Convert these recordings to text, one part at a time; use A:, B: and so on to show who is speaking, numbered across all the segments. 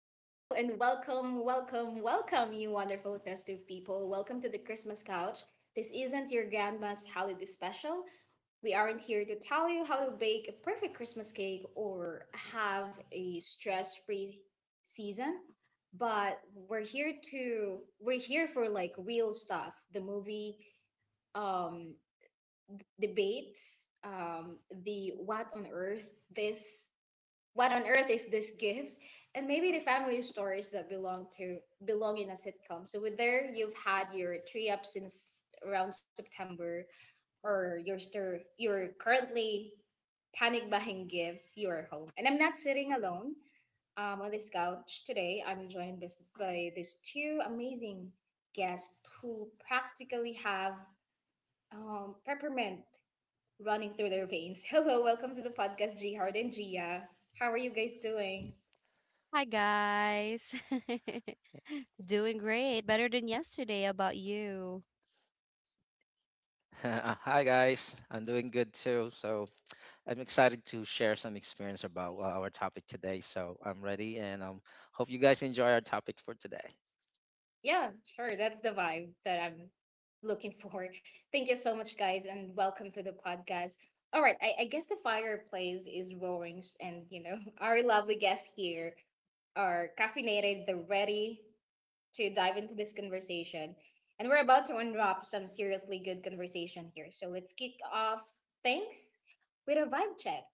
A: Hello and welcome, you wonderful festive people. Welcome to the Christmas couch. This isn't your grandma's holiday special. We aren't here to tell you how to bake a perfect Christmas cake or have a stress free season, but we're here for like real stuff, the movie, um, debates, the what on earth is this gives, and maybe the family stories that belong in a sitcom. So with there you've had your tree up since around September, or you're currently panic buying gifts. You're home and I'm not sitting alone. On this couch today I'm joined by these two amazing guests who practically have peppermint running through their veins. Hello, welcome to the podcast, G Hard and Gia. How are you guys doing?
B: Hi guys. Doing great. Better than yesterday. How about you?
C: Hi guys, I'm doing good too. So I'm excited to share some experience about our topic today. So I'm ready, and hope you guys enjoy our topic for today.
A: Yeah, sure. That's the vibe that I'm looking for. Thank you so much, guys, and welcome to the podcast. All right, I guess the fireplace is roaring, and you know, our lovely guests here are caffeinated, they're ready to dive into this conversation. And we're about to unwrap some seriously good conversation here. So let's kick off things with a vibe check.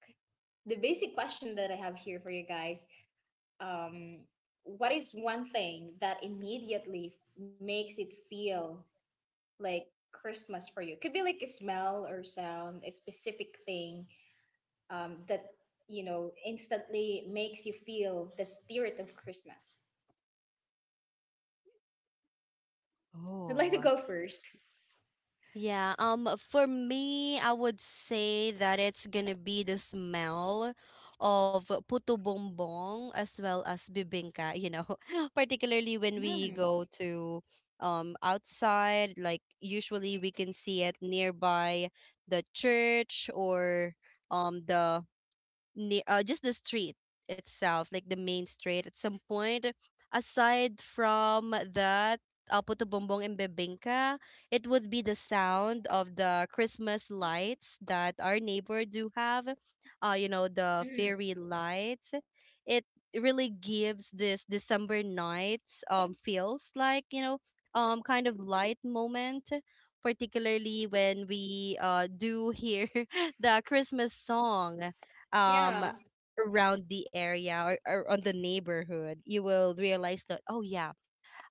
A: The basic question that I have here for you guys, um, what is one thing that immediately makes it feel like Christmas for you? Could be like a smell or sound, a specific thing, that you know instantly makes you feel the spirit of Christmas. I'd like to
B: Oh.
A: go first.
B: Yeah, for me, I would say that it's gonna be the smell of puto bongbong as well as bibingka. Particularly when we
A: Mm,
B: go to outside, like usually we can see it nearby the church or um the just the street itself, like the main street. At some point, aside from that, Puto Bumbong and Bebingka, it would be the sound of the Christmas lights that our neighbor do have. The
A: mm,
B: fairy lights. It really gives this December nights feels like kind of light moment, particularly when we do hear the Christmas song um
A: yeah.
B: around the area or on the neighborhood, you will realize that oh yeah,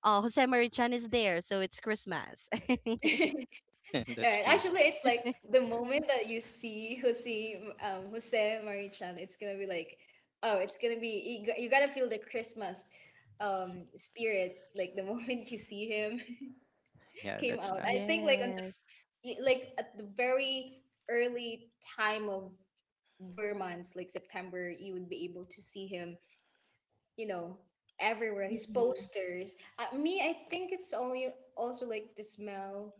B: Jose Marichan is there, so it's Christmas.
C: That's
A: Right.
C: cute.
A: Actually, it's like the moment that you see Jose, Jose Marichan, it's gonna be like, oh, it's gonna be you, you gotta feel the Christmas, spirit. Like the moment you see him
C: Yeah,
A: came
C: that's
A: out, I
C: nice.
A: think like on the,
B: Yes.
A: like at the very early time of Burr months, like September, you would be able to see him. You know, everywhere his
B: Mm-hmm.
A: posters. Me, I think it's only also like the smell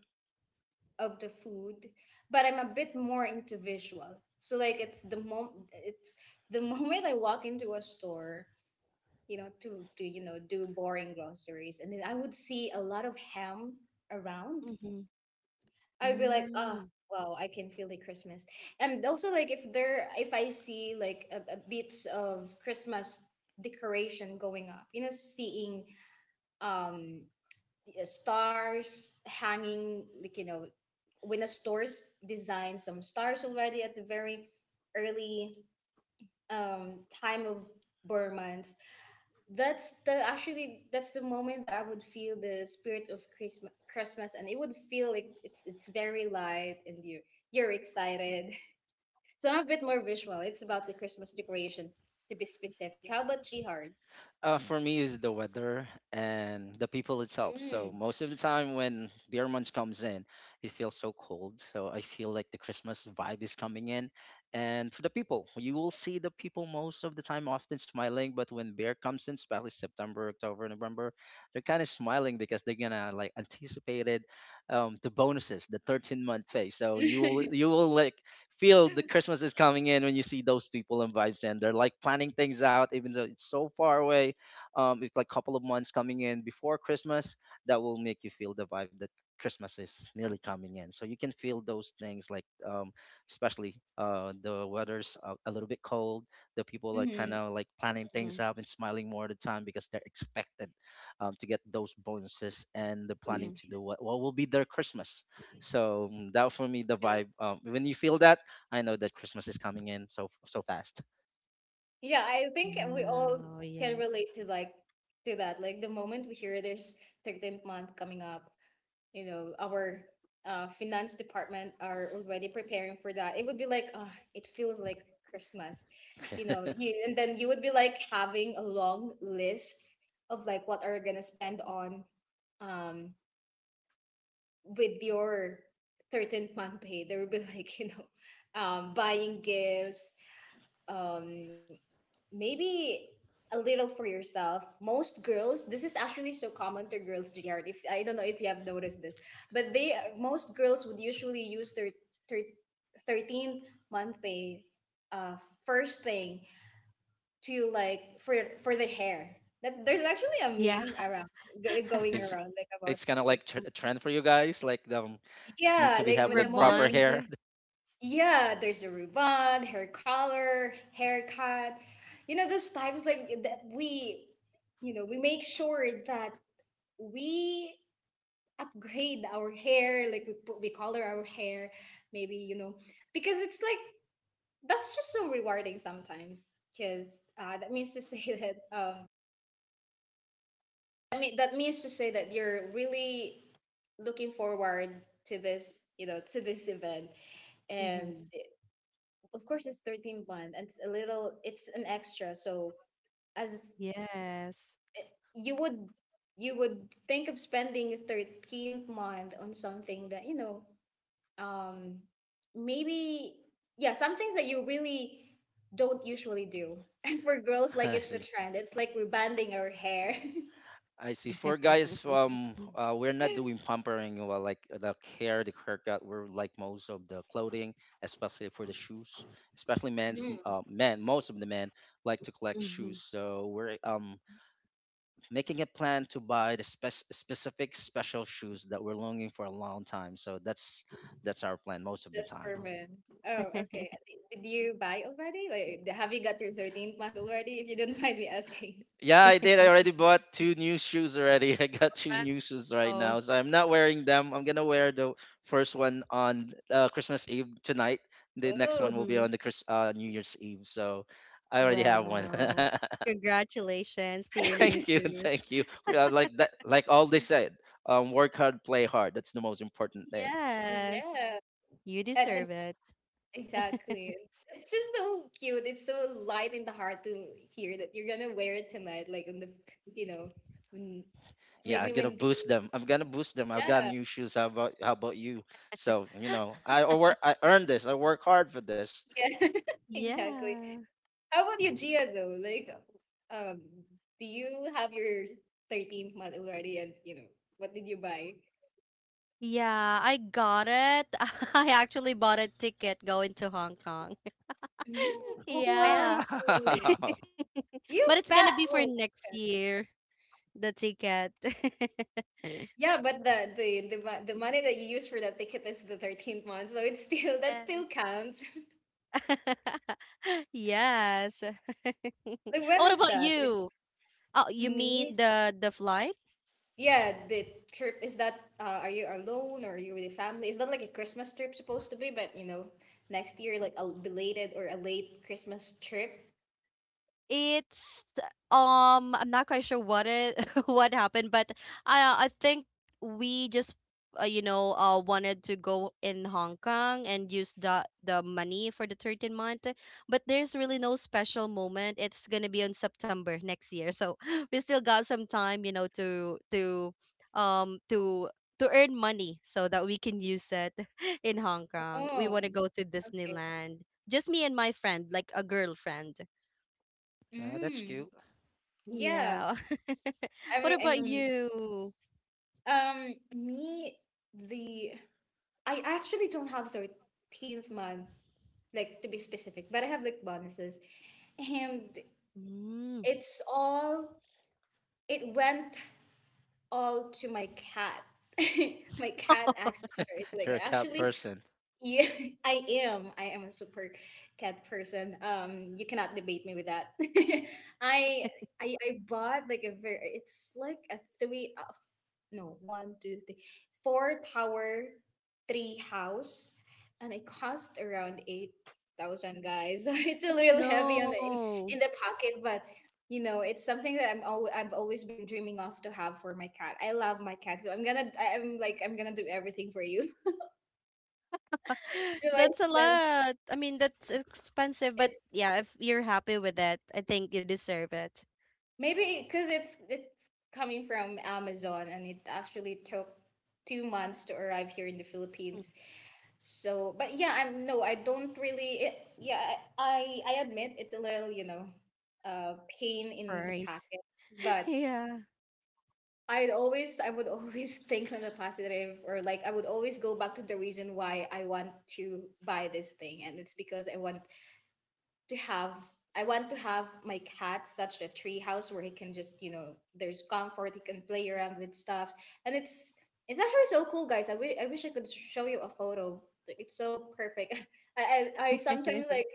A: of the food, but I'm a bit more into visual. So like it's the moment I walk into a store, you know, to you know do boring groceries, and then I would see a lot of ham around.
B: Mm-hmm.
A: I would be like, oh
B: Mm-hmm.
A: wow, I can feel the Christmas. And also like if I see like a bits of Christmas decoration going up, you know, seeing um the, stars hanging, like you know, when the stores designed some stars already at the very early, time of Burmans. That's the actually that's the moment that I would feel the spirit of Christmas, and it would feel like it's very light and you're excited. So I'm a bit more visual. It's about the Christmas decoration to be specific. How about Jihard?
C: For me, is the weather and the people itself. So most of the time, when beer month comes in, it feels so cold. So I feel like the Christmas vibe is coming in. And for the people, you will see the people most of the time often smiling. But when beer comes in, especially September, October, November, they're kind of smiling because they're gonna like anticipated the bonuses, the 13th month pay. So you will
A: Mm.
C: you will like feel the Christmas is coming in when you see those people and vibes, and they're like planning things out, even though it's so far away, it's like a couple of months coming in before Christmas that will make you feel the vibe that Christmas is nearly coming in. So you can feel those things like especially the weather's a little bit cold. The people are kind
A: Mm-hmm.
C: of like planning things up and smiling more at the time because they're expected to get those bonuses and they're planning
B: Mm-hmm.
C: to do what will be their Christmas. So that for me the vibe. When you feel that, I know that Christmas is coming in so fast.
A: Yeah, I think we all
B: Wow.
A: can
B: Yes.
A: relate to to that. Like the moment we hear there's 13th month coming up, you know, our finance department are already preparing for that. It would be like, ah, it feels like Christmas, you know. You and then you would be like having a long list of like what are you gonna spend on, um, with your 13th month pay. There would be like you know, buying gifts, um, maybe a little for yourself. Most girls, this is actually so common to girls, Jared. If I don't know if you have noticed this, but they most girls would usually use their thir- 13 month pay, uh, first thing to like for the hair. That there's actually a
B: Yeah.
A: meme around going
C: it's
A: around like about
C: it's kind
A: that.
C: of
A: Like
C: like tr-
A: the,
C: a trend for you guys, like the need to
A: yeah,
C: be
A: like
C: have
A: with the
C: like
A: moment.
C: proper
B: Rebond.
C: hair.
A: Yeah, there's a ruban, hair color, haircut. You know, those types like that you know, we make sure that we upgrade our hair, like we color our hair, maybe, you know, because it's like that's just so rewarding sometimes. Because that means to say that that means to say that you're really looking forward to this, you know, to this event,
B: Mm-hmm.
A: and of course it's 13 bond and it's a little, it's an extra, so as
B: Yes.
A: you would, you would think of spending 13th month on something that you know, um maybe, yeah, some things that you really don't usually do. And for girls, like,
C: I
A: it's a
C: see,
A: trend, it's like we're banding our hair.
C: I see, for guys we're not doing pampering well, like the haircut, we're like most of the clothing, especially for the shoes, especially
A: Mm,
C: men, most of the men like to collect
B: Mm-hmm.
C: shoes, so we're making a plan to buy the specific special shoes that we're longing for a long time, so that's our plan most of the
A: that's for
C: time.
A: men. Oh, okay. I think- Did you buy already? Like, have you got your 13th month already? If you don't mind me asking.
C: Yeah, I did. I already bought two new shoes already. I got two new shoes right
B: Wow.
C: now. So I'm not wearing them. I'm gonna wear the first one on Christmas Eve tonight. The next
A: Oh,
C: one will be
B: Mm-hmm.
C: on the Chris New Year's Eve. So I already have one.
B: Wow. Congratulations to your new
C: Thank you,
B: shoes.
C: thank you. Yeah, like that, like all they said, work hard, play hard. That's the most important thing.
B: Yes.
A: yeah.
B: You
A: And then
B: deserve it.
A: exactly. It's just so cute. It's so light in the heart to hear that you're gonna wear it tonight, like on the you know, when,
C: Yeah,
A: maybe
C: I'm gonna
A: when the
C: boost them. I'm gonna boost them. I've got
A: yeah,
C: new shoes. How about you? So I earned this. I work hard for this.
A: yeah, exactly.
B: Yeah.
A: How about you, Gia, though? Like, um do you have your 13th month already and you know, what did you buy?
B: Yeah, I got it. I actually bought a ticket going to Hong Kong.
A: Mm, oh
B: Yeah.
A: fancy.
C: Wow.
B: But
A: You
B: it's gonna
A: fat
B: be for
A: oh,
B: next year, the ticket.
A: yeah, but the the money that you use for that ticket is the 13th month, so it's still that still
B: Yes.
A: counts.
B: Yes.
A: Like when
B: What
A: is
B: about
A: that? Like
B: you? Oh, you
A: me?
B: mean the flight?
A: Yeah, the trip is that, are you alone or are you with your family? It's not like a Christmas trip supposed to be? But you know, next year like a belated or a late Christmas trip.
B: It's I'm not quite sure what it what happened, but I think we just wanted to go in Hong Kong and use the money for the 13th month, but there's really no special moment. It's gonna be on September next year, so we still got some time, to um to earn money so that we can use it in Hong Kong. We
A: Oh,
B: want to go to
A: okay.
B: Disneyland. Just me and my friend, like a girlfriend.
C: That's cute.
A: Mm, yeah.
B: Yeah.
A: I
B: What
A: mean,
B: about
A: I mean,
B: you?
A: me the I actually don't have 13th month like to be specific, but I have like bonuses, and
B: Mm.
A: it's all it went all to my cat. My cat accessories.
C: You're
A: Like,
C: a cat
A: actually,
C: person.
A: yeah, I am. I am a super cat person. You cannot debate me with that. I I I bought like a very. It's like a three. F- no, one, two, three, four tower, three house, and it cost around 8,000, guys. So it's a
B: Oh,
A: little heavy on
B: no.
A: in the pocket, but you know, it's something that I've always been dreaming of to have for my cat. I love my cat, so I'm like I'm gonna do everything for you. So I
B: That's a
A: spent
B: lot. I mean, that's expensive, but
A: it.
B: yeah, if you're happy with that, I think you deserve it.
A: Maybe because it's coming from Amazon and it actually took 2 months to arrive here in the
B: Mm.
A: Philippines. So, but yeah, I don't really. Yeah, I admit it's a little you know, pain in the
B: Price.
A: packet. But
B: Yeah.
A: I always I would always think on the positive or like I would always go back to the reason why I want to buy this thing, and it's because to have I want to have my cat such a tree house where he can just, you know, there's comfort, he can play around with stuff. And it's actually so cool, guys. I wish I could show you a photo. Like, it's so perfect. I sometimes like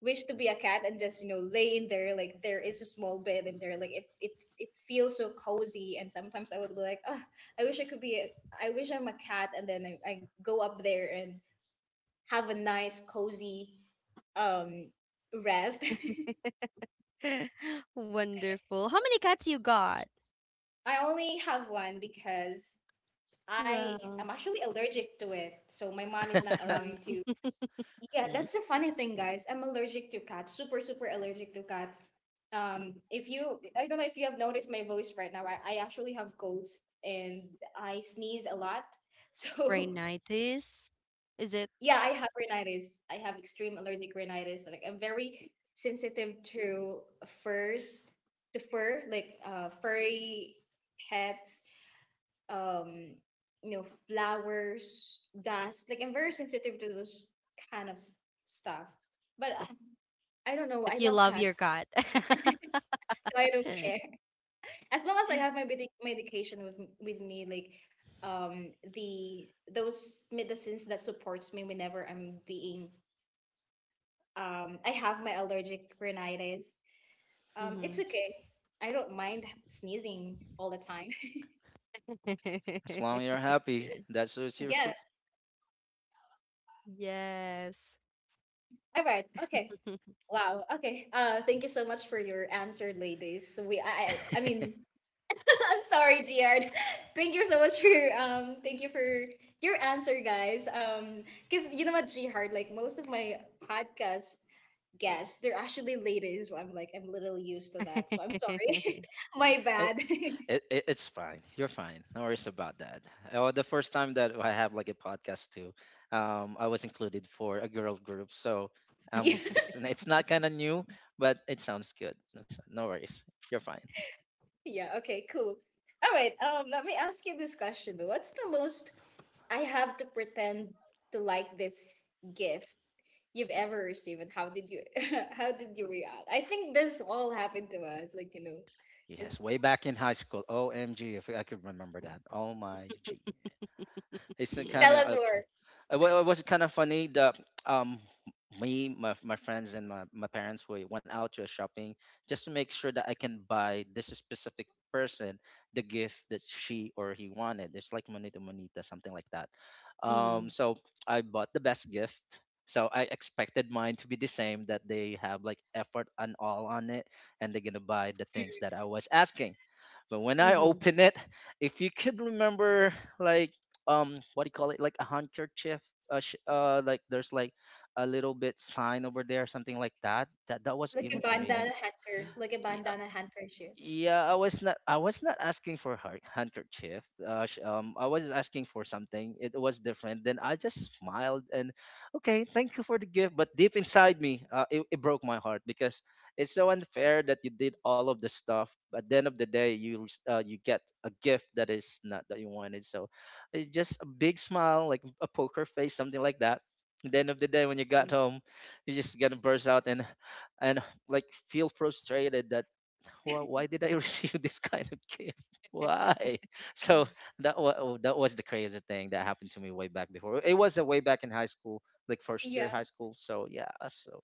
A: wish to be a cat and just, you know, lay in there. Like there is a small bed in there. Like if it feels so cozy, and sometimes I would be like, oh, I wish I'm a cat and then I go up there and have a nice, cozy, um, rest.
B: Wonderful. How many cats you got?
A: I only have one because I
B: Wow.
A: am actually allergic to it. So my mom is not allowing to.
B: Mm.
A: Yeah, that's the funny thing, guys. I'm allergic to cats. Super, super allergic to cats. If you, I don't know if you have noticed my voice right now. I actually have colds and I sneeze a lot. So
B: Rhinitis? Is it?
A: yeah, I have rhinitis. I have extreme allergic rhinitis. Like I'm very sensitive to furs, to fur, like furry pets, um, you know, flowers, dust. Like I'm very sensitive to those kind of s- stuff. But I don't know. I
B: But you
A: love
B: love your
A: cats,
B: cat.
A: so I don't care. As long as I have my medication with with me, like the those medicines that supports me whenever I'm being I have my allergic rhinitis.
B: Hmm.
A: It's okay. I don't mind sneezing all the time.
C: As long as you're happy, that suits your
A: Yeah.
C: food.
B: Yes.
A: All right. Okay. Wow. Okay. Thank you so much for your answer, ladies. So We, I mean, I'm sorry, Giard. Thank you so much for your, thank you for your answer, guys. Because you know what, Giard, like most of my podcast guests, they're actually ladies. So I'm like, I'm literally used to that. So I'm sorry. My
C: it,
A: bad.
C: it's fine. You're fine. No worries about that. Oh, the first time that I have like a podcast too, I was included for a girl group. So
A: Yeah.
C: it's not kind of new, but it sounds good. No, no worries. You're fine.
A: Yeah, okay, cool. All right, let me ask you this question though. What's the most I have to pretend to like this gift you've ever received, and how did you how did you react? I think this all happened to us, like.
C: Yes,
A: It's
C: way back in high school. OMG, if I could remember that. Oh my G. It's kind
A: Tell us
C: of
A: more.
C: It was kind of funny that um me, my friends, and my parents we went out to a shopping just to make sure that I can buy this specific person the gift that she or he wanted. It's like monita monita, something like that.
B: Mhm.
C: So I bought the best gift. So I expected mine to be the same that they have like effort and all on it, and they're gonna buy the things that I was asking. But when I
B: Mhm.
C: open it, if you could remember, like what do you call it, like a handkerchief, like there's like a little bit sign over there, something like that was
A: Like a
C: given to me. And
A: bandana handker,
B: Mm.
A: like a bandana handkerchief.
C: yeah, I was not. I was not asking for her handkerchief. I was asking for something. It was different. Then I just smiled and, okay, thank you for the gift. But deep inside me, it broke my heart because it's so unfair that you did all of the stuff. At the end of the day, you get a gift that is not that you wanted. So, it's just a big smile, like a poker face, something like that. At the end of the day, when you
B: Mhm.
C: got home, you just gonna burst out and like feel frustrated that why did I receive this kind of gift? Why? So that was the crazy thing that happened to me way back before. It was a way back in high school, like first
A: Yeah.
C: year high school. So yeah, so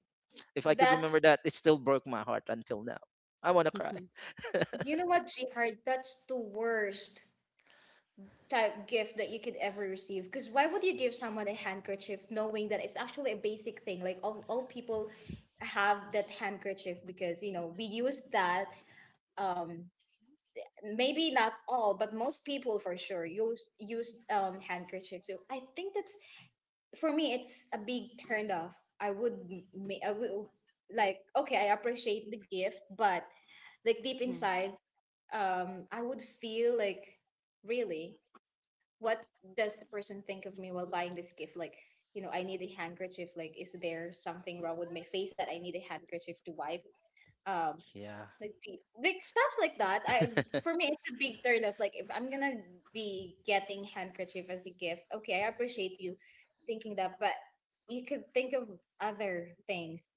C: if I could
A: That's
C: remember that, it still broke my heart until now. I want to
B: Mhm.
C: cry.
A: You know what, Jihar, that's the worst type gift that you could ever receive. Because why would you give someone a handkerchief knowing that it's actually a basic thing? Like all people have that handkerchief, because you know we use that, um maybe not all but most people for sure use handkerchiefs. So I think that's, for me, it's a big turn off. I would I would, like, okay, I appreciate the gift, but like deep
B: Mhm.
A: inside, I would feel like, really, what does the person think of me while buying this gift? Like, you know, I need a handkerchief. Like, is there something wrong with my face that I need a handkerchief to wipe? Um,
C: Yeah.
A: like, like stuff like that. I For me, it's a big turn off. Like, if I'm gonna be getting handkerchief as a gift, okay, I appreciate you thinking that, but you could think of other things.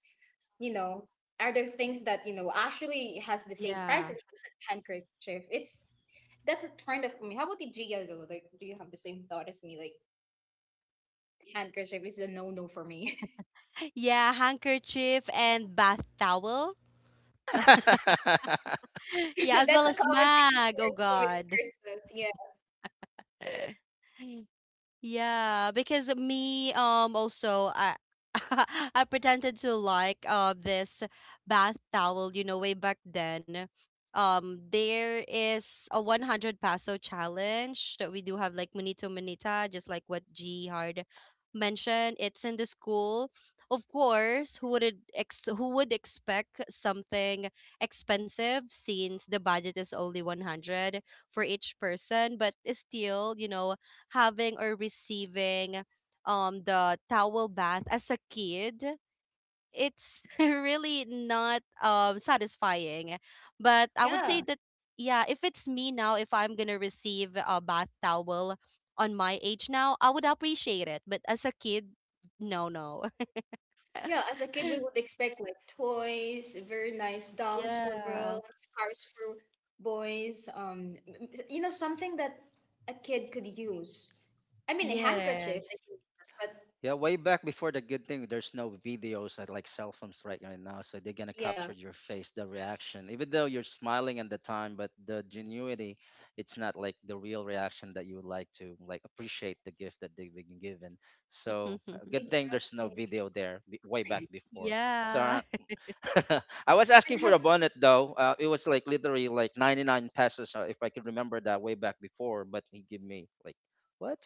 A: You know, are there things that you know actually has the same
B: Yeah.
A: price as a handkerchief? It's That's a kind of for me. How about the Gia though? Like, do you have the same thought as me? Like, handkerchief is a no no for me.
B: Yeah, handkerchief and bath towel. Yeah, as well
A: That's a
B: as
A: common
B: mag. Oh
A: answer with
B: God.
A: Christmas. Yeah.
B: Yeah, because me also I I pretended to like this bath towel, you know, way back then. There is a 100 peso challenge that we do have like Munito Manita, just like what G Hard mentioned. It's in the school. Of course, who would expect something expensive since the budget is only 100 for each person, but still, having or receiving the towel bath as a kid it's really not satisfying but I would say
A: Yeah.
B: that yeah, if it's me now, if I'm gonna receive a bath towel on my age now, I would appreciate it, but as a kid, no, no.
A: Yeah. As a kid, we would expect like toys, very nice dolls for girls,
B: Yeah.
A: cars for boys. You know, something that a kid could use. I mean, a handkerchief,
B: Yes.
A: they can use that, but
C: Yeah, way back before, the good thing, there's no videos like cell phones right now, so they're gonna capture
A: yeah,
C: your face, the reaction, even though you're smiling at the time, but the genuity, it's not like the real reaction that you would like to like appreciate the gift that they've been given. So a good thing there's no
A: exactly.
C: video there way back before. So
B: Yeah.
C: I was asking
A: And
C: for
A: have
C: a bonnet though. It was like literally like 99 pesos if I could remember that way back before, but he gave me like what?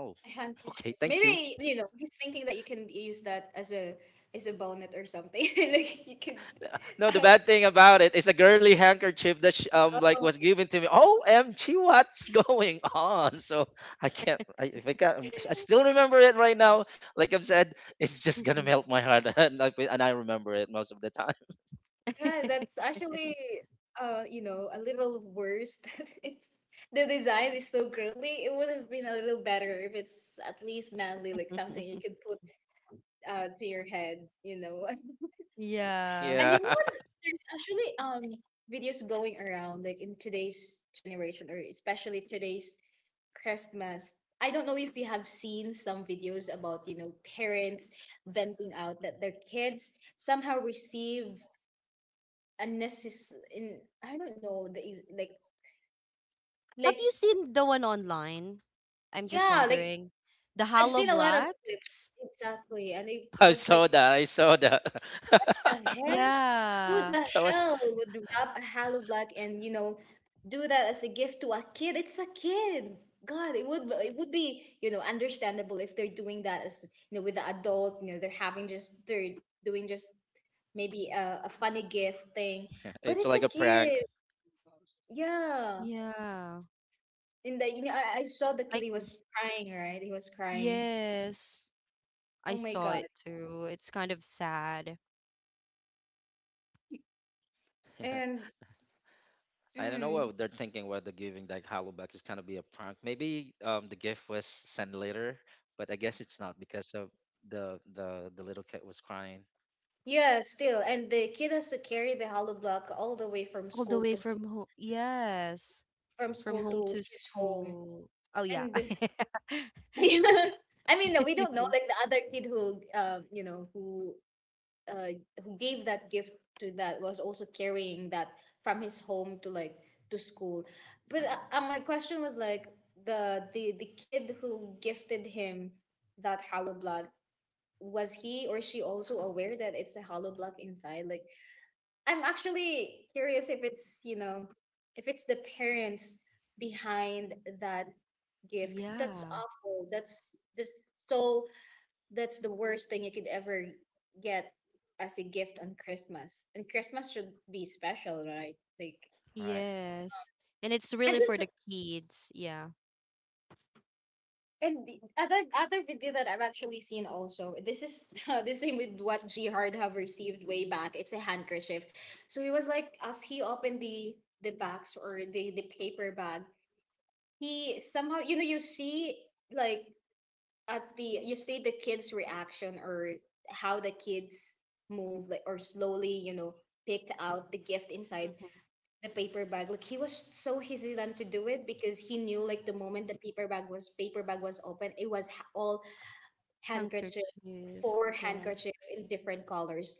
C: Oh,
A: a
C: okay,
A: handkerchief.
C: thank you.
A: Maybe, you know, he's thinking that you can use that as a bonnet or something. Like you could,
C: No, the bad thing about it is a girly handkerchief that sh like was
A: oh
C: given to me. OMG, what's going on? So I can't. If I can't, I still remember it right now. Like I've said, it's just gonna melt my heart, and and I remember it most of the time.
A: yeah, that's actually, you know, a little worse that it's, the design is so girly. It would have been a little better if it's at least manly, like something you could put to your head, you know.
B: Yeah.
A: And
C: Yeah,
A: you know what? There's actually videos going around like in today's generation or especially today's Christmas. I don't know if you have seen some videos about, you know, parents venting out that their kids somehow receive unnecessary in, I don't know the like
B: Have
A: like
B: you seen the one online? I'm just
A: yeah, like
B: wondering. The
A: I've
B: Hollow
A: seen a lot of clips
B: Blacks?
A: exactly and it
C: I
A: was
C: saw
A: like,
C: that. I saw that.
A: "What the heck? Who
B: Yeah.
A: the
C: That was.
A: hell would wrap a hollow block and you know do that as a gift to a kid? It's a kid. God, it would be, you know, understandable if they're doing that as, you know, with the adult. You know, they're having just they're doing just maybe a funny gift thing, but
C: It's
A: it's
C: like
A: a
C: a prank.
A: kid. Yeah,
B: Yeah.
A: and the, you know, I saw the
B: I
A: kid. He was crying. Right, he was crying.
B: Yes. I
A: Oh my
B: saw
A: God.
B: it too. It's kind of sad.
A: And
C: I don't know
A: mm,
C: what they're thinking. Whether giving like Hollowback is gonna be a prank. Maybe the gift was sent later, but I guess it's not because of the little kid was crying.
A: yeah, still, and the kid has to carry the hollow block all the way
B: All the way from home. Yes.
A: from
B: From
A: school
B: home
A: to
B: to
A: his home.
B: school. Oh yeah.
A: And I mean, we don't know, like, the other kid who, you know, uh who gave that gift to, that was also carrying that from his home to like to school. But my question was, like, the kid who gifted him that hollow block, was he or she also aware that it's a hollow block inside? Like, I'm actually curious if it's, you know, if it's the parents behind that gift, because that's
B: Yeah.
A: awful. That's so that's the worst thing you could ever get as a gift on Christmas. And Christmas should be special, right?
C: All right.
B: Yes. And it's
A: And
B: really for
A: this
B: the kids. Yeah.
A: and the other video that I've actually seen also, this is the same with what G Hard have received way back. It's a handkerchief. So he was like, as he opened the box or the paper bag, he somehow, you know, you see, like, at the, you see the kids reaction or how the kids move like, or slowly, you know, picked out the gift inside
B: Mhm.
A: the paper bag. Like, he was so hesitant to do it because he knew, like, the moment the paper bag was open, it was all handkerchief,
B: Handkerchief.
A: four
B: Yeah.
A: handkerchief in different colors.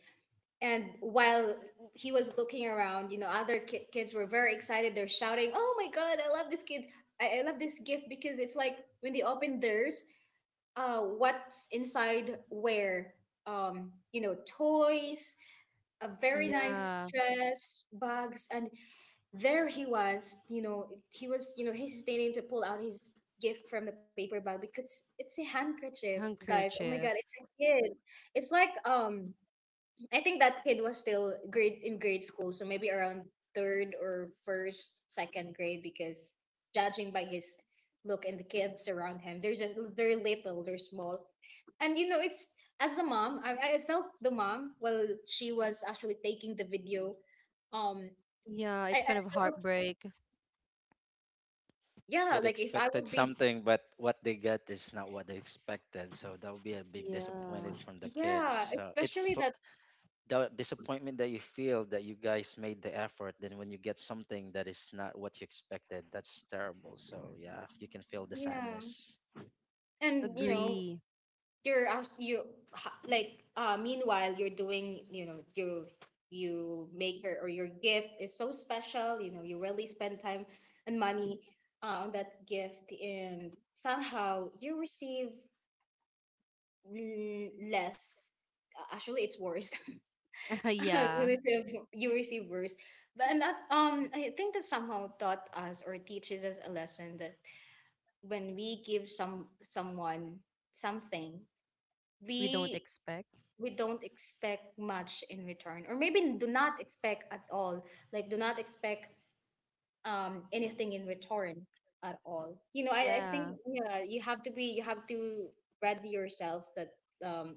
A: And while he was looking around, you know, other kids were very excited. They're shouting, "Oh my god, I love this kid! I love this gift!" Because it's like, when they open theirs, what's inside were, you know, toys, a very nice
B: Yeah.
A: dress, bags, and there he was. You know, he was, you know, hesitating to pull out his gift from the paper bag because it's a handkerchief, guys. Oh my god,
B: Handkerchief.
A: it's a kid. It's like, I think that kid was still grade school, so maybe around third or first, second grade, because judging by his look and the kids around him, they're just, they're little, they're small, and you know it's, as a mom, I felt the mom while she was actually taking the video, um,
B: Yeah,
A: I
B: it's
A: I
B: kind of
A: felt,
B: heartbreak.
A: yeah,
C: Yeah, they
A: like if I would
C: expected
A: be,
C: something, but what they got is not what they expected. So that would be a big
B: Yeah,
C: disappointment from the kids.
A: yeah,
C: So
A: especially that,
C: the disappointment that you feel, that you guys made the effort. Then when you get something that is not what you expected, that's terrible. So yeah, you can feel the
A: yeah,
C: sadness.
A: and you know,
B: agree.
A: you meanwhile you're doing, you know, you make your or your gift is so special. You know, you really spend time and money on that gift, and somehow you receive less. Actually it's worse. You
B: Yeah,
A: receive, you receive worse. But and that, I think that somehow taught us or teaches us a lesson that when we give someone something,
B: we don't
A: we
B: expect.
A: we don't expect much in return, or maybe do not expect at all. Like, do not expect anything in return at all. You know, I think,
B: Yeah,
A: yeah, you have to be, you have to ready yourself that, um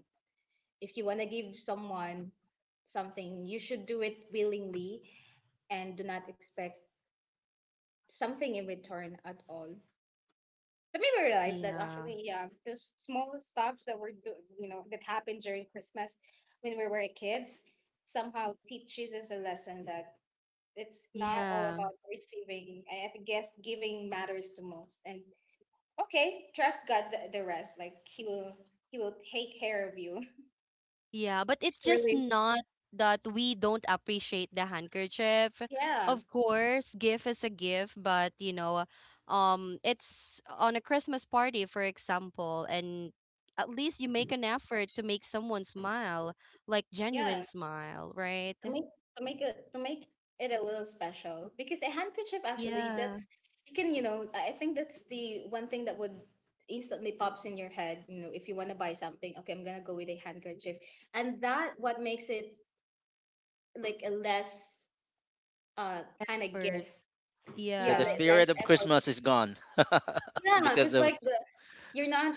A: if you want to give someone something, you should do it willingly and do not expect something in return at all. That made me realize that,
B: yeah,
A: actually, yeah, those small stuff that were, you know, that happened during Christmas when we were kids, somehow teaches us a lesson that it's not all
B: yeah,
A: about receiving. I guess giving matters the most. And okay, trust God the rest. Like, He will take care of you.
B: yeah. But it's just
A: Surely,
B: not that we don't appreciate the handkerchief.
A: yeah,
B: Of course, gift is a gift, but it's on a Christmas party, for example, and at least you make an effort to make someone smile, like genuine
A: yeah.
B: smile, right?
A: to make to make it a little special, because a handkerchief, actually,
B: Yeah,
A: that's, you can, you know, I think that's the one thing that would instantly pops in your head, you know, if you want to buy something, okay, I'm gonna go with a handkerchief. And that what makes it like a less uh kind of
B: effort.
A: gift.
C: the,
A: Yeah,
C: the
B: Yeah.
A: less
C: spirit of
A: effort.
C: Christmas is gone
A: Yeah,
C: because
A: because
C: of
A: like the, you're not,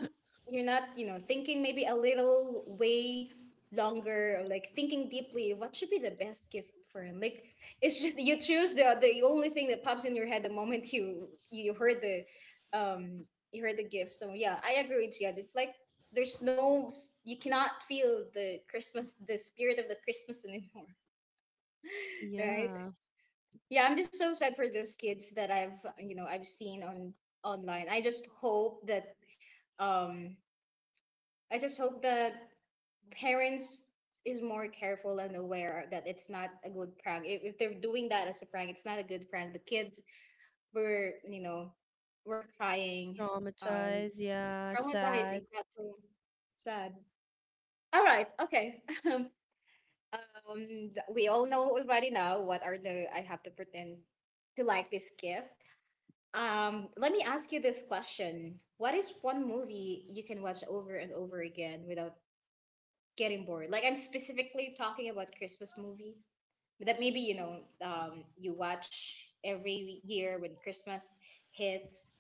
A: you're not, you know, thinking maybe a little way longer or like thinking deeply what should be the best gift for him. Like, it's just you choose the only thing that pops in your head the moment you, um you heard the gift. So yeah, I agree with you. It's like, there's you cannot feel the Christmas, the spirit of the Christmas anymore. right,
B: Yeah,
A: yeah, I'm just so sad for those kids that I've you know, I've seen on online. I just hope that, um I just hope that parents is more careful and aware that it's not a good prank. If they're doing that as a prank, it's not a good prank. The kids were, you know, were crying, um,
B: traumatized. Yeah,
A: traumatized,
B: sad
A: exactly, sad. All right, okay. We all know already now what are the "I have to pretend to like this gift." Let me ask you this question: what is one movie you can watch over and over again without getting bored? Like, I'm specifically talking about Christmas movie that, maybe, you know, you watch every year when Christmas hits.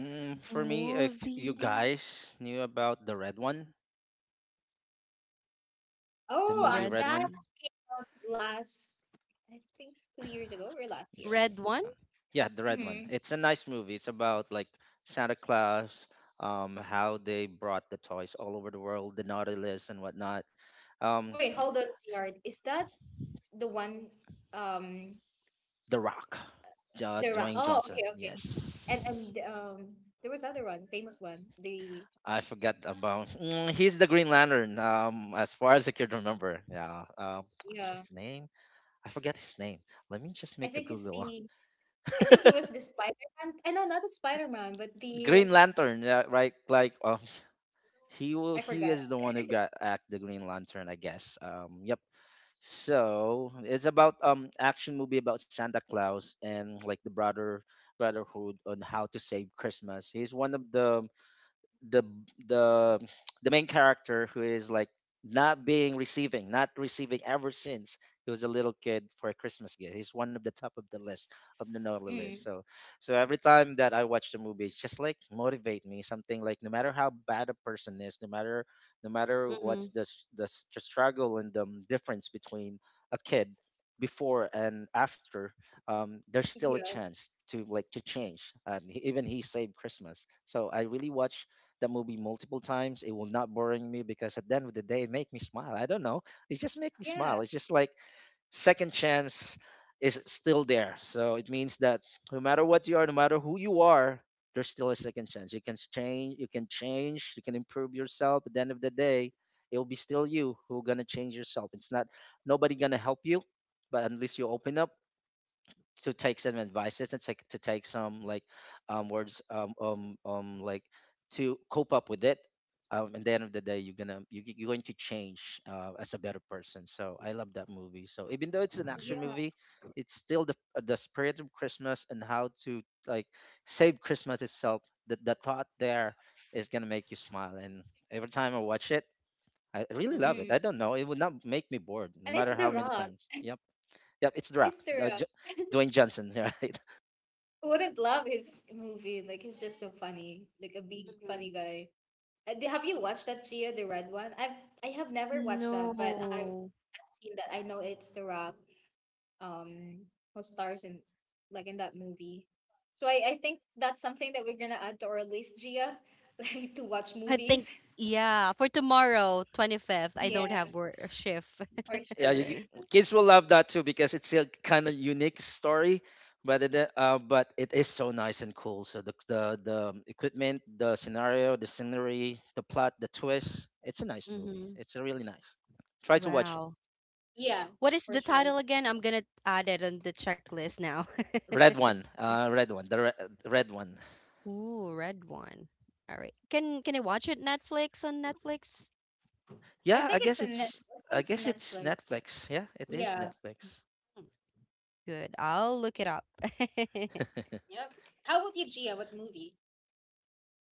C: for me if you
B: movie.
C: guys knew about the red one, the
A: Oh,
C: movie
B: Red,
C: Red
A: that
C: One.
A: was last, I think 2 years ago or last year.
B: red one.
C: uh, yeah, the Red One,
A: Hmm.
C: it's a nice movie, it's about like Santa Claus, how they brought the toys all over the world, the Nautilus and whatnot, um
A: Wait, hold on,
C: s-
A: Yard. Is that the one? Um,
C: The Rock,
A: the run.
C: Dwayne
A: Oh,
C: Johnson,
A: okay, okay.
C: yes.
A: And there was another one, famous one. The,
C: I forgot about he's the Green Lantern, as far as I can remember, yeah, what's
A: yeah,
C: his name, I forget his name. Let me just
A: I
C: make a
A: think it's
C: Google.
A: the. I think it was the Spider Man. I know not the Spider Man, but the,
C: Green Lantern, yeah, right? Like he will.
A: I
C: He
A: forgot.
C: is the one who got act the Green Lantern, I guess. Yep. So it's about action movie about Santa Claus and like the brother brotherhood on how to save Christmas. He's one of the the the main character who is like not receiving ever since he was a little kid for a Christmas gift. He's one of the top of the list of the Noli list.
A: Mm.
C: So every time that I watch the movie, it's just like motivate me. Something like no matter how bad a person is, no matter,
B: Mm-hmm.
C: what's the struggle and the difference between a kid before and after, there's
B: Mm-hmm.
C: still a
A: Yeah.
C: chance to like to change, and even he saved Christmas, so I really watch the movie multiple times. It will not boring me because at the end of the day, it make me smile. I don't know. It just make me
A: Yeah.
C: smile. It's just like second chance is still there. So it means that no matter what you are, no matter who you are, there's still a second chance. You can change. You can change. You can improve yourself. At the end of the day, it will be still you who gonna change yourself. It's not nobody gonna help you, but at least you open up to take some advices and take to take some like to cope up with it and the end of the day you're gonna you're going to change as a better person. So I love that movie. So even though it's an action
A: Yeah.
C: movie, it's still the spirit of Christmas and how to like save Christmas itself. The thought there is gonna make you smile, and every time I watch it, I really love it.
A: Mm.
C: I don't know, it would not make me bored
A: And
C: no
A: it's
C: matter
A: The
C: how many
A: Rock.
C: times. Yep. Yep, it's The
A: It's The
C: uh,
A: Rock.
C: J- Dwayne Johnson, right?
A: Who wouldn't love his movie? Like, he's just so funny. Like a big
B: hmm
A: funny guy. Have you watched that, Gia, the red one? I have never watched that, but
B: No,
A: I've seen that. I know it's The Rock. Um, who stars in like in that movie. So I think that's something that we're gonna add to our list, Gia, like to watch
B: I
A: movies.
B: think, yeah. For tomorrow, 25th, I don't
A: Yeah,
B: have work shift.
A: for
C: Yeah,
A: sure.
C: you, kids will love that too because it's a kind of unique story, but but it is so nice and cool. So the equipment, the scenario, the scenery, the plot, the twist. It's a nice movie.
B: Mm-hmm.
C: It's a really nice. Try to watch it.
B: Wow.
A: Yeah,
B: What is
A: for
B: the
A: sure.
B: title again? I'm gonna add it on the checklist now.
C: Red one, red one, red one.
B: Ooh, red one. All right. Can I watch it Netflix on Netflix?
C: Yeah,
A: I think
C: I
A: it's a
C: guess it's
A: Netflix.
C: Netflix. Yeah, it is
A: Yeah.
C: Netflix.
B: Hmm. Good. I'll look it up.
A: Yep. How about you, Gia? What movie?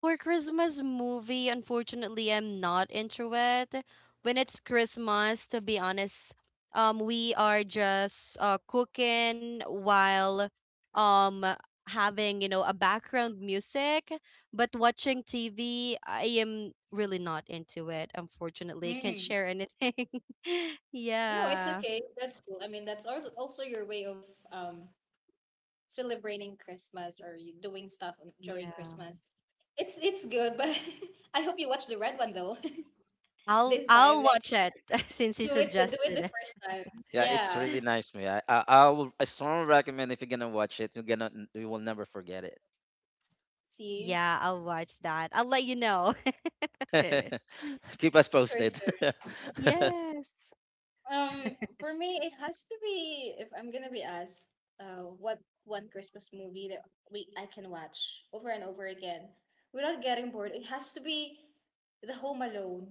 B: For Christmas movie, unfortunately, I'm not into it. When it's Christmas, to be honest, we are just cooking while um having a background music, but watching TV, I am really not into it. Unfortunately, I can't
A: Mm.
B: share anything.
A: No, it's
B: Yeah,
A: okay. That's cool. I mean, that's also your way of um celebrating Christmas or you doing stuff
B: yeah.
A: during Christmas. It's good, but I hope you watch the red one though.
B: I'll
A: This time,
B: I'll
A: like
B: watch it since you
A: do it the
B: suggested.
A: first time.
C: Yeah, it's
A: Yeah.
C: really nice movie. I strongly recommend if you're gonna watch it, you will never forget it.
A: See,
B: Yeah, I'll watch that. I'll let you know.
C: Keep us
A: for
C: posted.
A: sure.
B: Yes.
A: For me, it has to be if I'm gonna be asked, what one Christmas movie that we I can watch over and over again without getting bored. It has to be The Home Alone.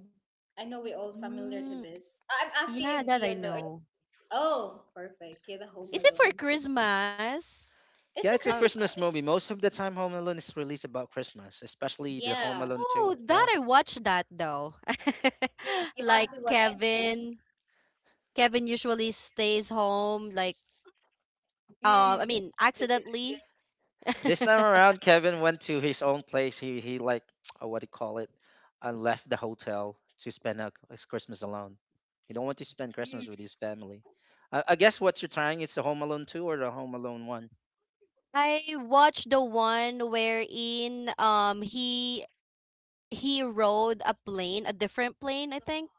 A: I know we're all familiar to
B: Mm,
A: this. I'm asking
B: yeah,
A: you,
B: that I
A: Gia, though. Are you-
B: know.
A: Oh, perfect. Yeah, The Home
B: Is it for
A: Alone.
B: Christmas?
A: It's
C: Yeah,
A: a
C: it's
B: Um,
C: a
A: Christmas
C: Christmas
A: movie.
C: movie. Most of the time, Home Alone is released about Christmas, especially the Home
A: Yeah,
C: Alone
B: oh,
C: 2.
B: that
C: Yeah.
B: I watched that though.
A: yeah. You have
B: Like
A: to watch. I think.
B: Kevin usually stays home like
A: Mm.
B: I mean,
A: the- the-
B: accidentally.
C: This time around, Kevin went to his own place. He like what do you call it? And left the hotel to spend his Christmas alone. He don't want to spend
A: Mm,
C: Christmas with his family. I guess what you're trying is the Home Alone 2 or the Home Alone 1.
B: I watched the one wherein he rode a plane, a different plane, I think.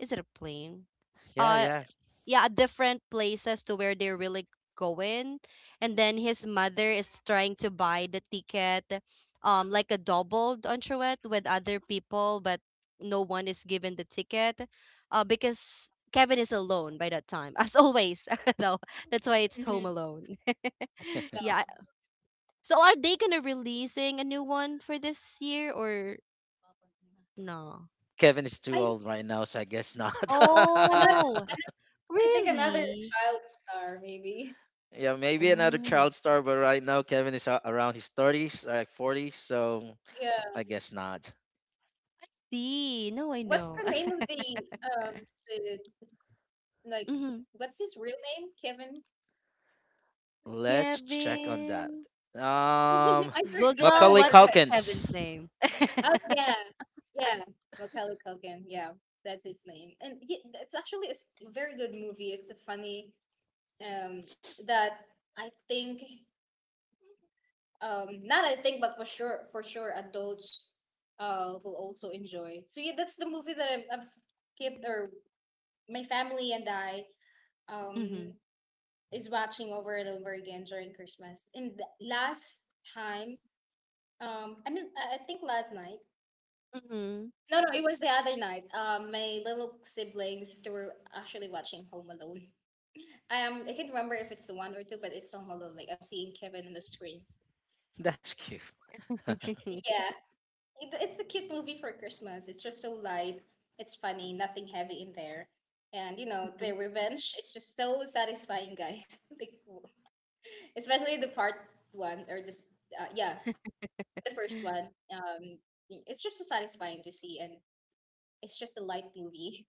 B: Is it a plane?
C: Yeah,
B: Uh
C: yeah.
B: yeah, different places to where they're really going, and then his mother is trying to buy the ticket like a doubled on with other people, but no one is given the ticket because Kevin is alone by that time as always though that's why it's home
A: mhm,
B: alone. Yeah,
A: yeah.
B: so are they gonna releasing a new one for this year or no?
C: Kevin is too
A: I
C: old right now, so I guess not.
A: Another.
B: Oh
A: I think another
B: really.
A: child star maybe.
C: Yeah, maybe another
B: Oh.
C: child star, but right now Kevin is around his 30s, like 40s, so
A: Yeah.
C: I guess not.
B: See, no, I
A: What's the
B: know.
A: name of um the like
B: Hmm.
A: what's his real name? Kevin?
C: Let's check on that.
B: Kevin.
C: Um,
B: Google,
C: Macaulay
A: I
B: what's
A: forgot.
C: Culkins.
B: Kevin's name?
A: Oh yeah, yeah. Macaulay Culkin. Yeah, that's his name. And it's actually very good movie. It's a funny um that I think not I think but for sure adults will also enjoy. So yeah, that's the movie that I've kept or my family and I um
B: Hmm.
A: is watching over and over again during Christmas. And last time, I mean, I think last night.
B: Hmm.
A: No, no, it was the other night. My little siblings they were actually watching Home Alone. I can't remember if it's the one or two, but it's Home Alone. Like I'm seeing Kevin on the screen.
C: That's cute.
A: Yeah, it's a cute movie for Christmas. It's just so light. It's funny. Nothing heavy in there. And you know the
B: Hmm.
A: revenge. It's just so satisfying, guys. Like, especially the part one or this. Yeah, the first one. It's just so satisfying to see, and it's just a light movie.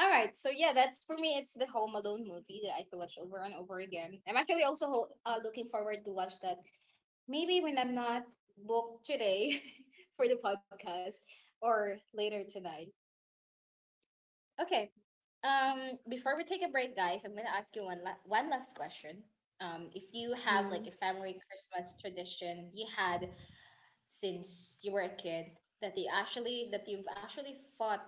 A: All right, so yeah, that's for me. It's the Home Alone movie that I could watch over and over again. I'm actually also looking forward to watch that. Maybe when I'm not booked today for the podcast or later tonight. Okay. Before we take a break, guys, I'm gonna ask you one last question. If you have
B: Hmm.
A: like a family Christmas tradition you had since you were a kid that they actually that you've actually fought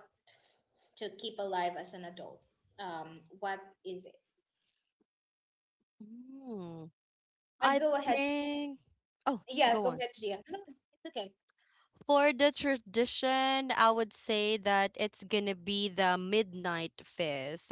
A: to keep alive as an adult? What is it? I
B: I
A: go ahead.
B: think. Oh,
A: Yeah,
B: go
A: go
B: on.
A: ahead, Tria. No, no, it's
B: For the tradition, I would say that it's gonna be the midnight feast.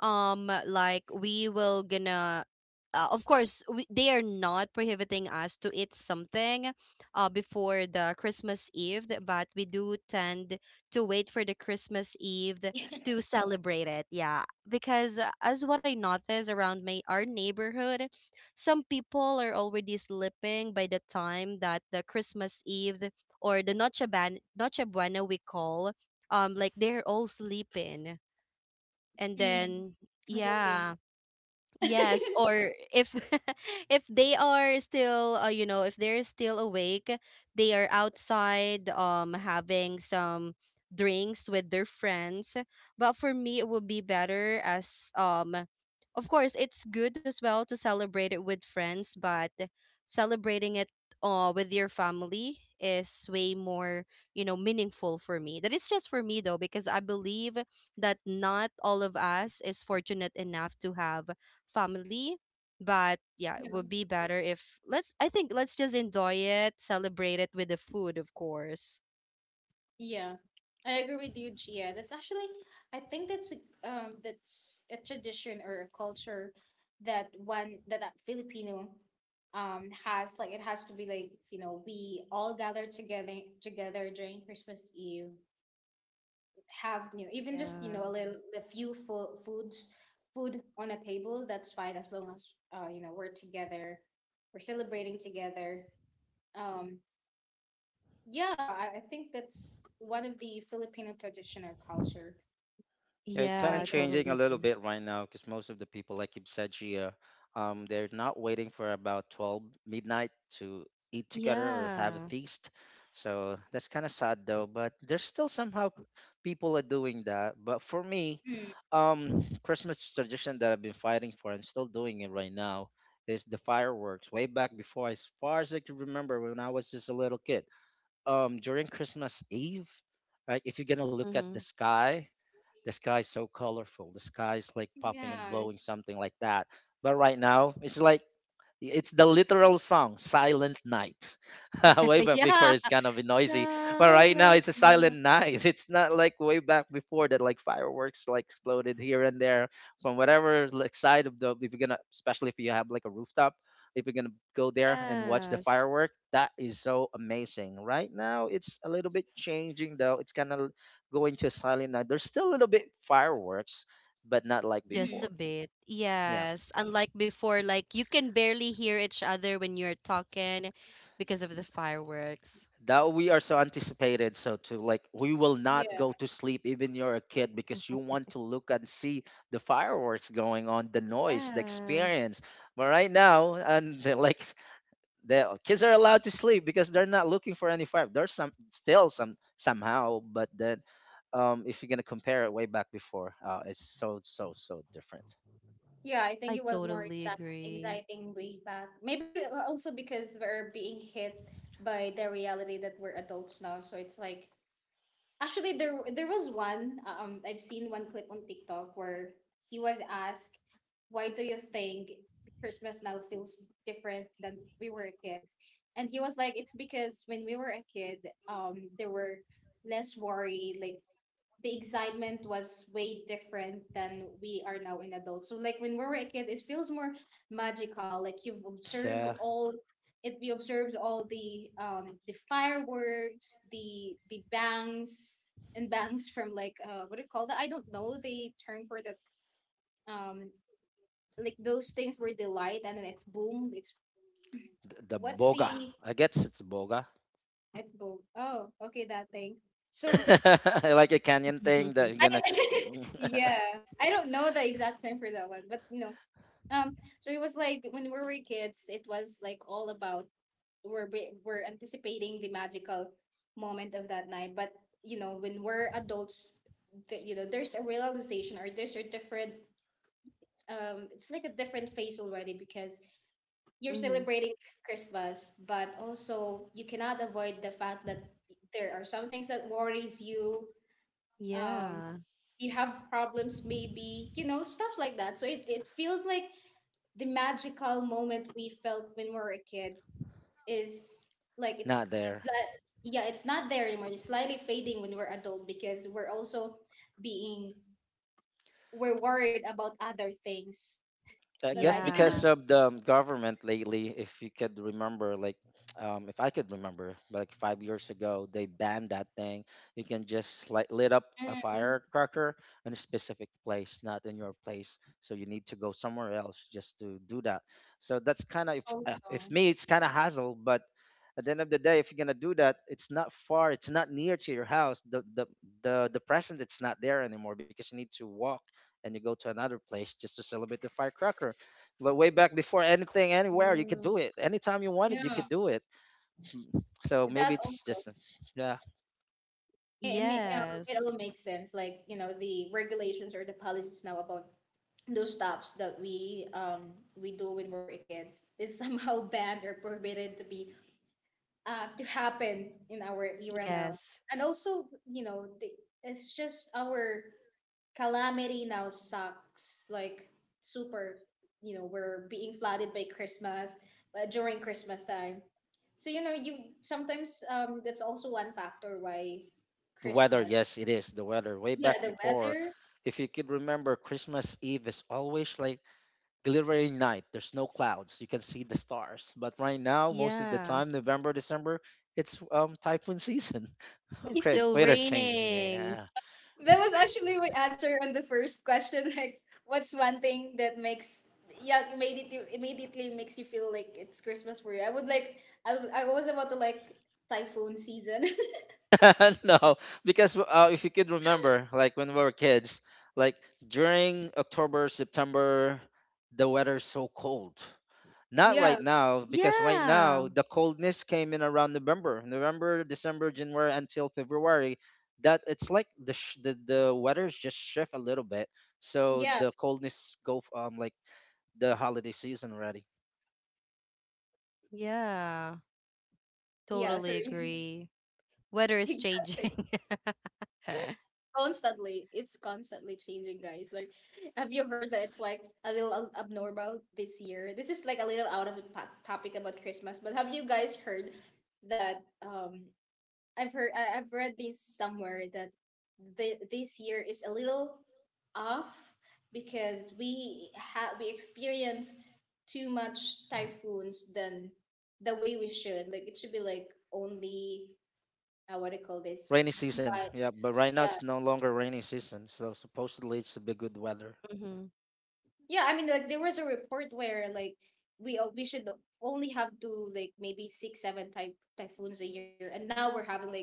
B: Like we will gonna, of course, they are not prohibiting us to eat something, before the Christmas Eve, but we do tend to wait for the Christmas Eve
A: okay.
B: to celebrate it. Yeah, because as what I noticed around my our neighborhood, some people are already sleeping by the time that the Christmas Eve or the Noche Buena we call, like they're all sleeping. And
A: Mm,
B: then,
A: I'm
B: yeah.
A: guilty.
B: Yes, or if if they are still, if they're still awake, they are outside, having some drinks with their friends. But for me, it would be better as, of course, it's good as well to celebrate it with friends, but celebrating it, with your family is way more, you know, meaningful for me. That is just for me though, because I believe that not all of us is fortunate enough to have family. But yeah, it
A: Yeah.
B: would be better if let's I think let's just enjoy it, celebrate it with the food, of course.
A: Yeah, I agree with you, Gia. That's actually, I think that's that's a tradition or a culture that a Filipino has like it has to be like you know we all gather together during Christmas Eve, have you know even just you know
B: Yeah.
A: a little a few food on a table that's fine as long as you know we're together, we're celebrating together. Um, yeah, I think that's one of the Filipino traditional culture
C: Yeah, it kind
A: when
C: of
A: it
B: Yeah, I
A: comes
C: changing a
B: totally
C: little
B: agree.
C: bit right now because most of the people, like you've said, Gia, they're not waiting for about 12 midnight to eat together or have a
B: Yeah.
C: feast. So that's kind of sad though, but there's still somehow people are doing that. But for me,
A: to. Mm,
C: Christmas tradition that I've been fighting for and still doing it right now is the fireworks. Way back before, as far as I can remember, when I was just a little kid, during Christmas Eve, right? If you're gonna look at
B: Mm-hmm.
C: the sky is so colorful. The sky is like popping and
A: yeah.
C: blowing, something like that. But right now, it's like it's the literal song, Silent Night. Way back before,
B: Yeah.
C: it's kind of noisy, but right now
B: Silent
C: it's a silent
B: night.
C: night. It's not like way back before that, like fireworks like exploded here and there from whatever like side of the. If you're gonna, especially if you have like a rooftop, if you're gonna go there and watch the
B: Yes.
C: firework, that is so amazing. Right now, it's a little bit changing though. It's kind of going to a silent night. There's still a little bit fireworks, but not like
B: Just
A: Mhm,
C: before.
B: a bit.
C: Yeah,
B: Yes. Unlike before, like you can barely hear each other when you're talking because of the fireworks.
C: that we are so anticipated so to like we will not
A: yeah.
C: go to sleep even you're a kid because you want to look and see the fireworks going on, the noise, the
B: Yeah.
C: experience. But right now and they like the kids are allowed to sleep because they're not looking for any fire. There's some still somehow, but then if you're gonna compare it way back before, it's so so so different.
A: Yeah, I think
B: I
A: it was more
B: totally agree.
A: exciting way back. Maybe also because we're being hit by the reality that we're adults now. So it's like actually, there was one. I've seen one clip on TikTok where he was asked, "Why do you think Christmas now feels different than we were kids?" And he was like, "It's because when we were a kid, there were less worry. Like the excitement was way different than we are now in adults. So like when we were a kid, it feels more magical. Like you've observed
C: Yeah,
A: all it we observed all the fireworks, the bangs and bangs from like what do you call that? I don't know the term for that um like those things where they light and then it's boom. It's
C: the
A: What's
C: boga,
A: the
C: I guess it's boga.
A: it's boom. Oh, okay, that thing. So
C: Like a canyon thing that you're
A: I
C: gonna exp-
A: yeah, I don't know the exact term for that one, but you know, um, so it was like when we were kids, it was like all about we're anticipating the magical moment of that night. But you know, when we're adults, you know, there's a realization or there's a different it's like a different phase already because you're
B: Hmm.
A: celebrating Christmas, but also you cannot avoid the fact that there are some things that worries you. Um,
B: Yeah.
A: you have problems, maybe you know stuff like that. So it feels like the magical moment we felt when we were kids is like
C: Not there.
A: yeah it's not there anymore. It's slightly fading when we're adult because we're also being we're worried about other things.
C: I
A: All
C: guess
A: right, even
B: Yeah.
C: because
A: though,
C: of the government lately, if you could remember, like, if I could remember, like 5 years ago, they banned that thing. You can just like lit up a
A: mm,
C: firecracker in a specific place, not in your place. So you need to go somewhere else just to do that. So that's kind of,
A: also,
C: if me, it's kind of hassle. But at the end of the day, if you're gonna do that, it's not far. It's not near to your house. The present, it's not there anymore because you need to walk and you go to another place just to celebrate the firecracker. Like way back before anything, anywhere, you could
B: Yeah.
C: do it. Anytime you wanted, you
A: yeah,
C: could do it. Mm. So maybe
A: that
C: it's
A: also,
C: just, yeah,
A: may, it
B: Yes.
A: all makes sense like you know the regulations or the policies now about those stuffs that we do when we were kids is somehow banned or prohibited to be to happen in our era now.
B: Yes.
A: And also, you know, it's just our calamity now sucks. Like, super, you know, we're being flooded by Christmas during Christmas time. So, you know, you sometimes that's also one factor why
C: the weather.
A: Christmas.
C: Yes, it is the weather. Way
A: Yeah,
C: back
A: the
C: before,
A: weather.
C: if you could remember, Christmas Eve is always like glittering night. There's no clouds. You can see the stars. But right now, most of the
B: Yeah.
C: time, November, December, it's typhoon season.
B: It's
C: Okay,
B: still
C: weather change.
B: raining.
C: Yeah.
A: That was actually my answer on the first question. Like, what's one thing that makes yeah made it you immediately makes you feel like it's Christmas for you? I would like I was about to like typhoon season.
C: No, because if you could remember, like when we were kids, like during October, September, the weather's so cold. Not
A: Yeah,
C: right now, because right
B: Yeah.
C: now the coldness came in around November, December, January until February. That it's like the the weather's just shift a little bit, so
A: yeah,
C: the coldness like the holiday season already.
B: Yeah.
A: yeah.
B: Totally
A: Sorry,
B: agree. Weather is
A: exactly.
B: changing.
A: Constantly, it's constantly changing, guys. Like, have you heard that it's like a little abnormal this year? This is like a little out of the topic about Christmas, but have you guys heard that I've read this somewhere that this year is a little off because we experience too much typhoons than the way we should. Like it should be like only what do you call this?
C: Rainy season,
A: Twice,
C: yeah, but right now it's
A: yeah,
C: no longer rainy season, so supposedly it's a bit good weather.
B: Hmm.
A: yeah, I mean, like there was a report where like we should only have to like maybe six, seven type typhoons a year, and now we're having like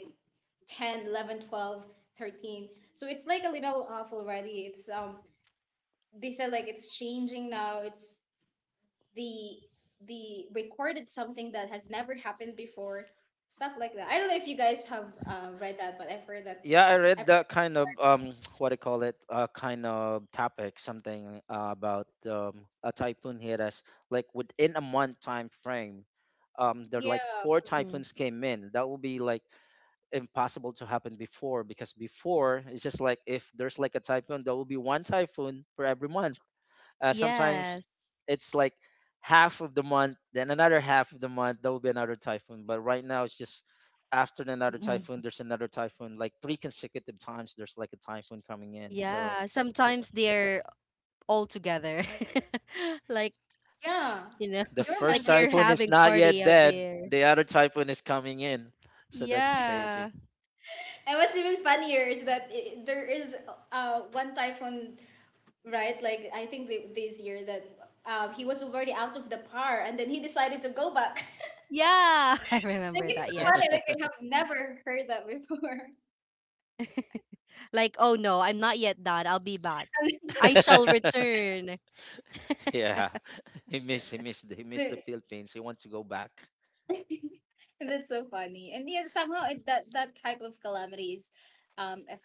A: 10, 11, 12, 13. So it's like a little off already. It's they said like it's changing now. It's the the recorded something that has never happened before, stuff like that. I don't know if you guys have read that, but I've heard that.
C: Yeah, I
A: I,
C: read that kind of what do you call it? Uh, kind of topic, something about a typhoon hit us like within a month time frame. Um, there like
A: yeah,
C: four
B: Hmm.
C: typhoons came in. That would be like impossible to happen before because before it's just like if there's like a typhoon, there will be one typhoon for every month. Sometimes
B: Yes.
C: it's like half of the month, then another half of the month, there will be another typhoon. But right now, it's just after another
B: Hmm.
C: typhoon, there's another typhoon. Like three consecutive times, there's like a typhoon coming in. So
B: Yeah.
C: the,
B: Sometimes they're all together. Like,
A: yeah.
B: you know,
C: the
A: You
B: like
C: first
A: remember
B: they're
A: the—
C: typhoon is
B: having
C: not yet
B: party out
C: dead,
B: there.
C: the other typhoon is coming in. So that's
B: Yeah.
C: crazy.
A: And what's even funnier is that I there is one typhoon, right? Like, I think this year that he was already out of the par and then he decided to go back.
B: Yeah. I
A: Like,
B: remember
A: it's
B: that.
A: so
B: Yes.
A: funny. Like, I have never heard that before.
B: Like, oh no, I'm not yet done. I'll be back.
A: And
B: I shall return.
C: Yeah, he missed the
A: The-
C: Philippines. He wants to go back.
A: and that's so funny. And yeah, somehow that type of calamity is, um, aff-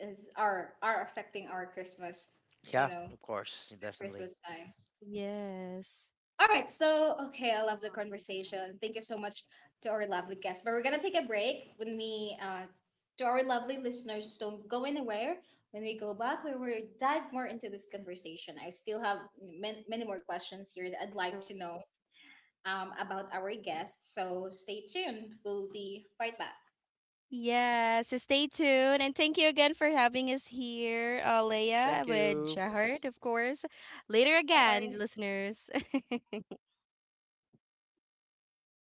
A: are affecting our Christmas, you
C: Yeah,
A: know,
C: of course, definitely.
A: Christmas time.
B: Yes.
A: All right. So, okay, I love the conversation. Thank you so much to our lovely guests. But we're going to take a break when we, to our lovely listeners, don't go anywhere. When we go back, we will dive more into this conversation. I still have many more questions here that I'd like
B: Mhm.
A: to know about our guests. So, stay tuned. We'll be right back.
B: Yes, so stay tuned and thank you again for having us here, Leia
C: Thank
B: with
C: you.
B: Jahard, of course. Later
A: No
B: again,
A: worries.
B: listeners.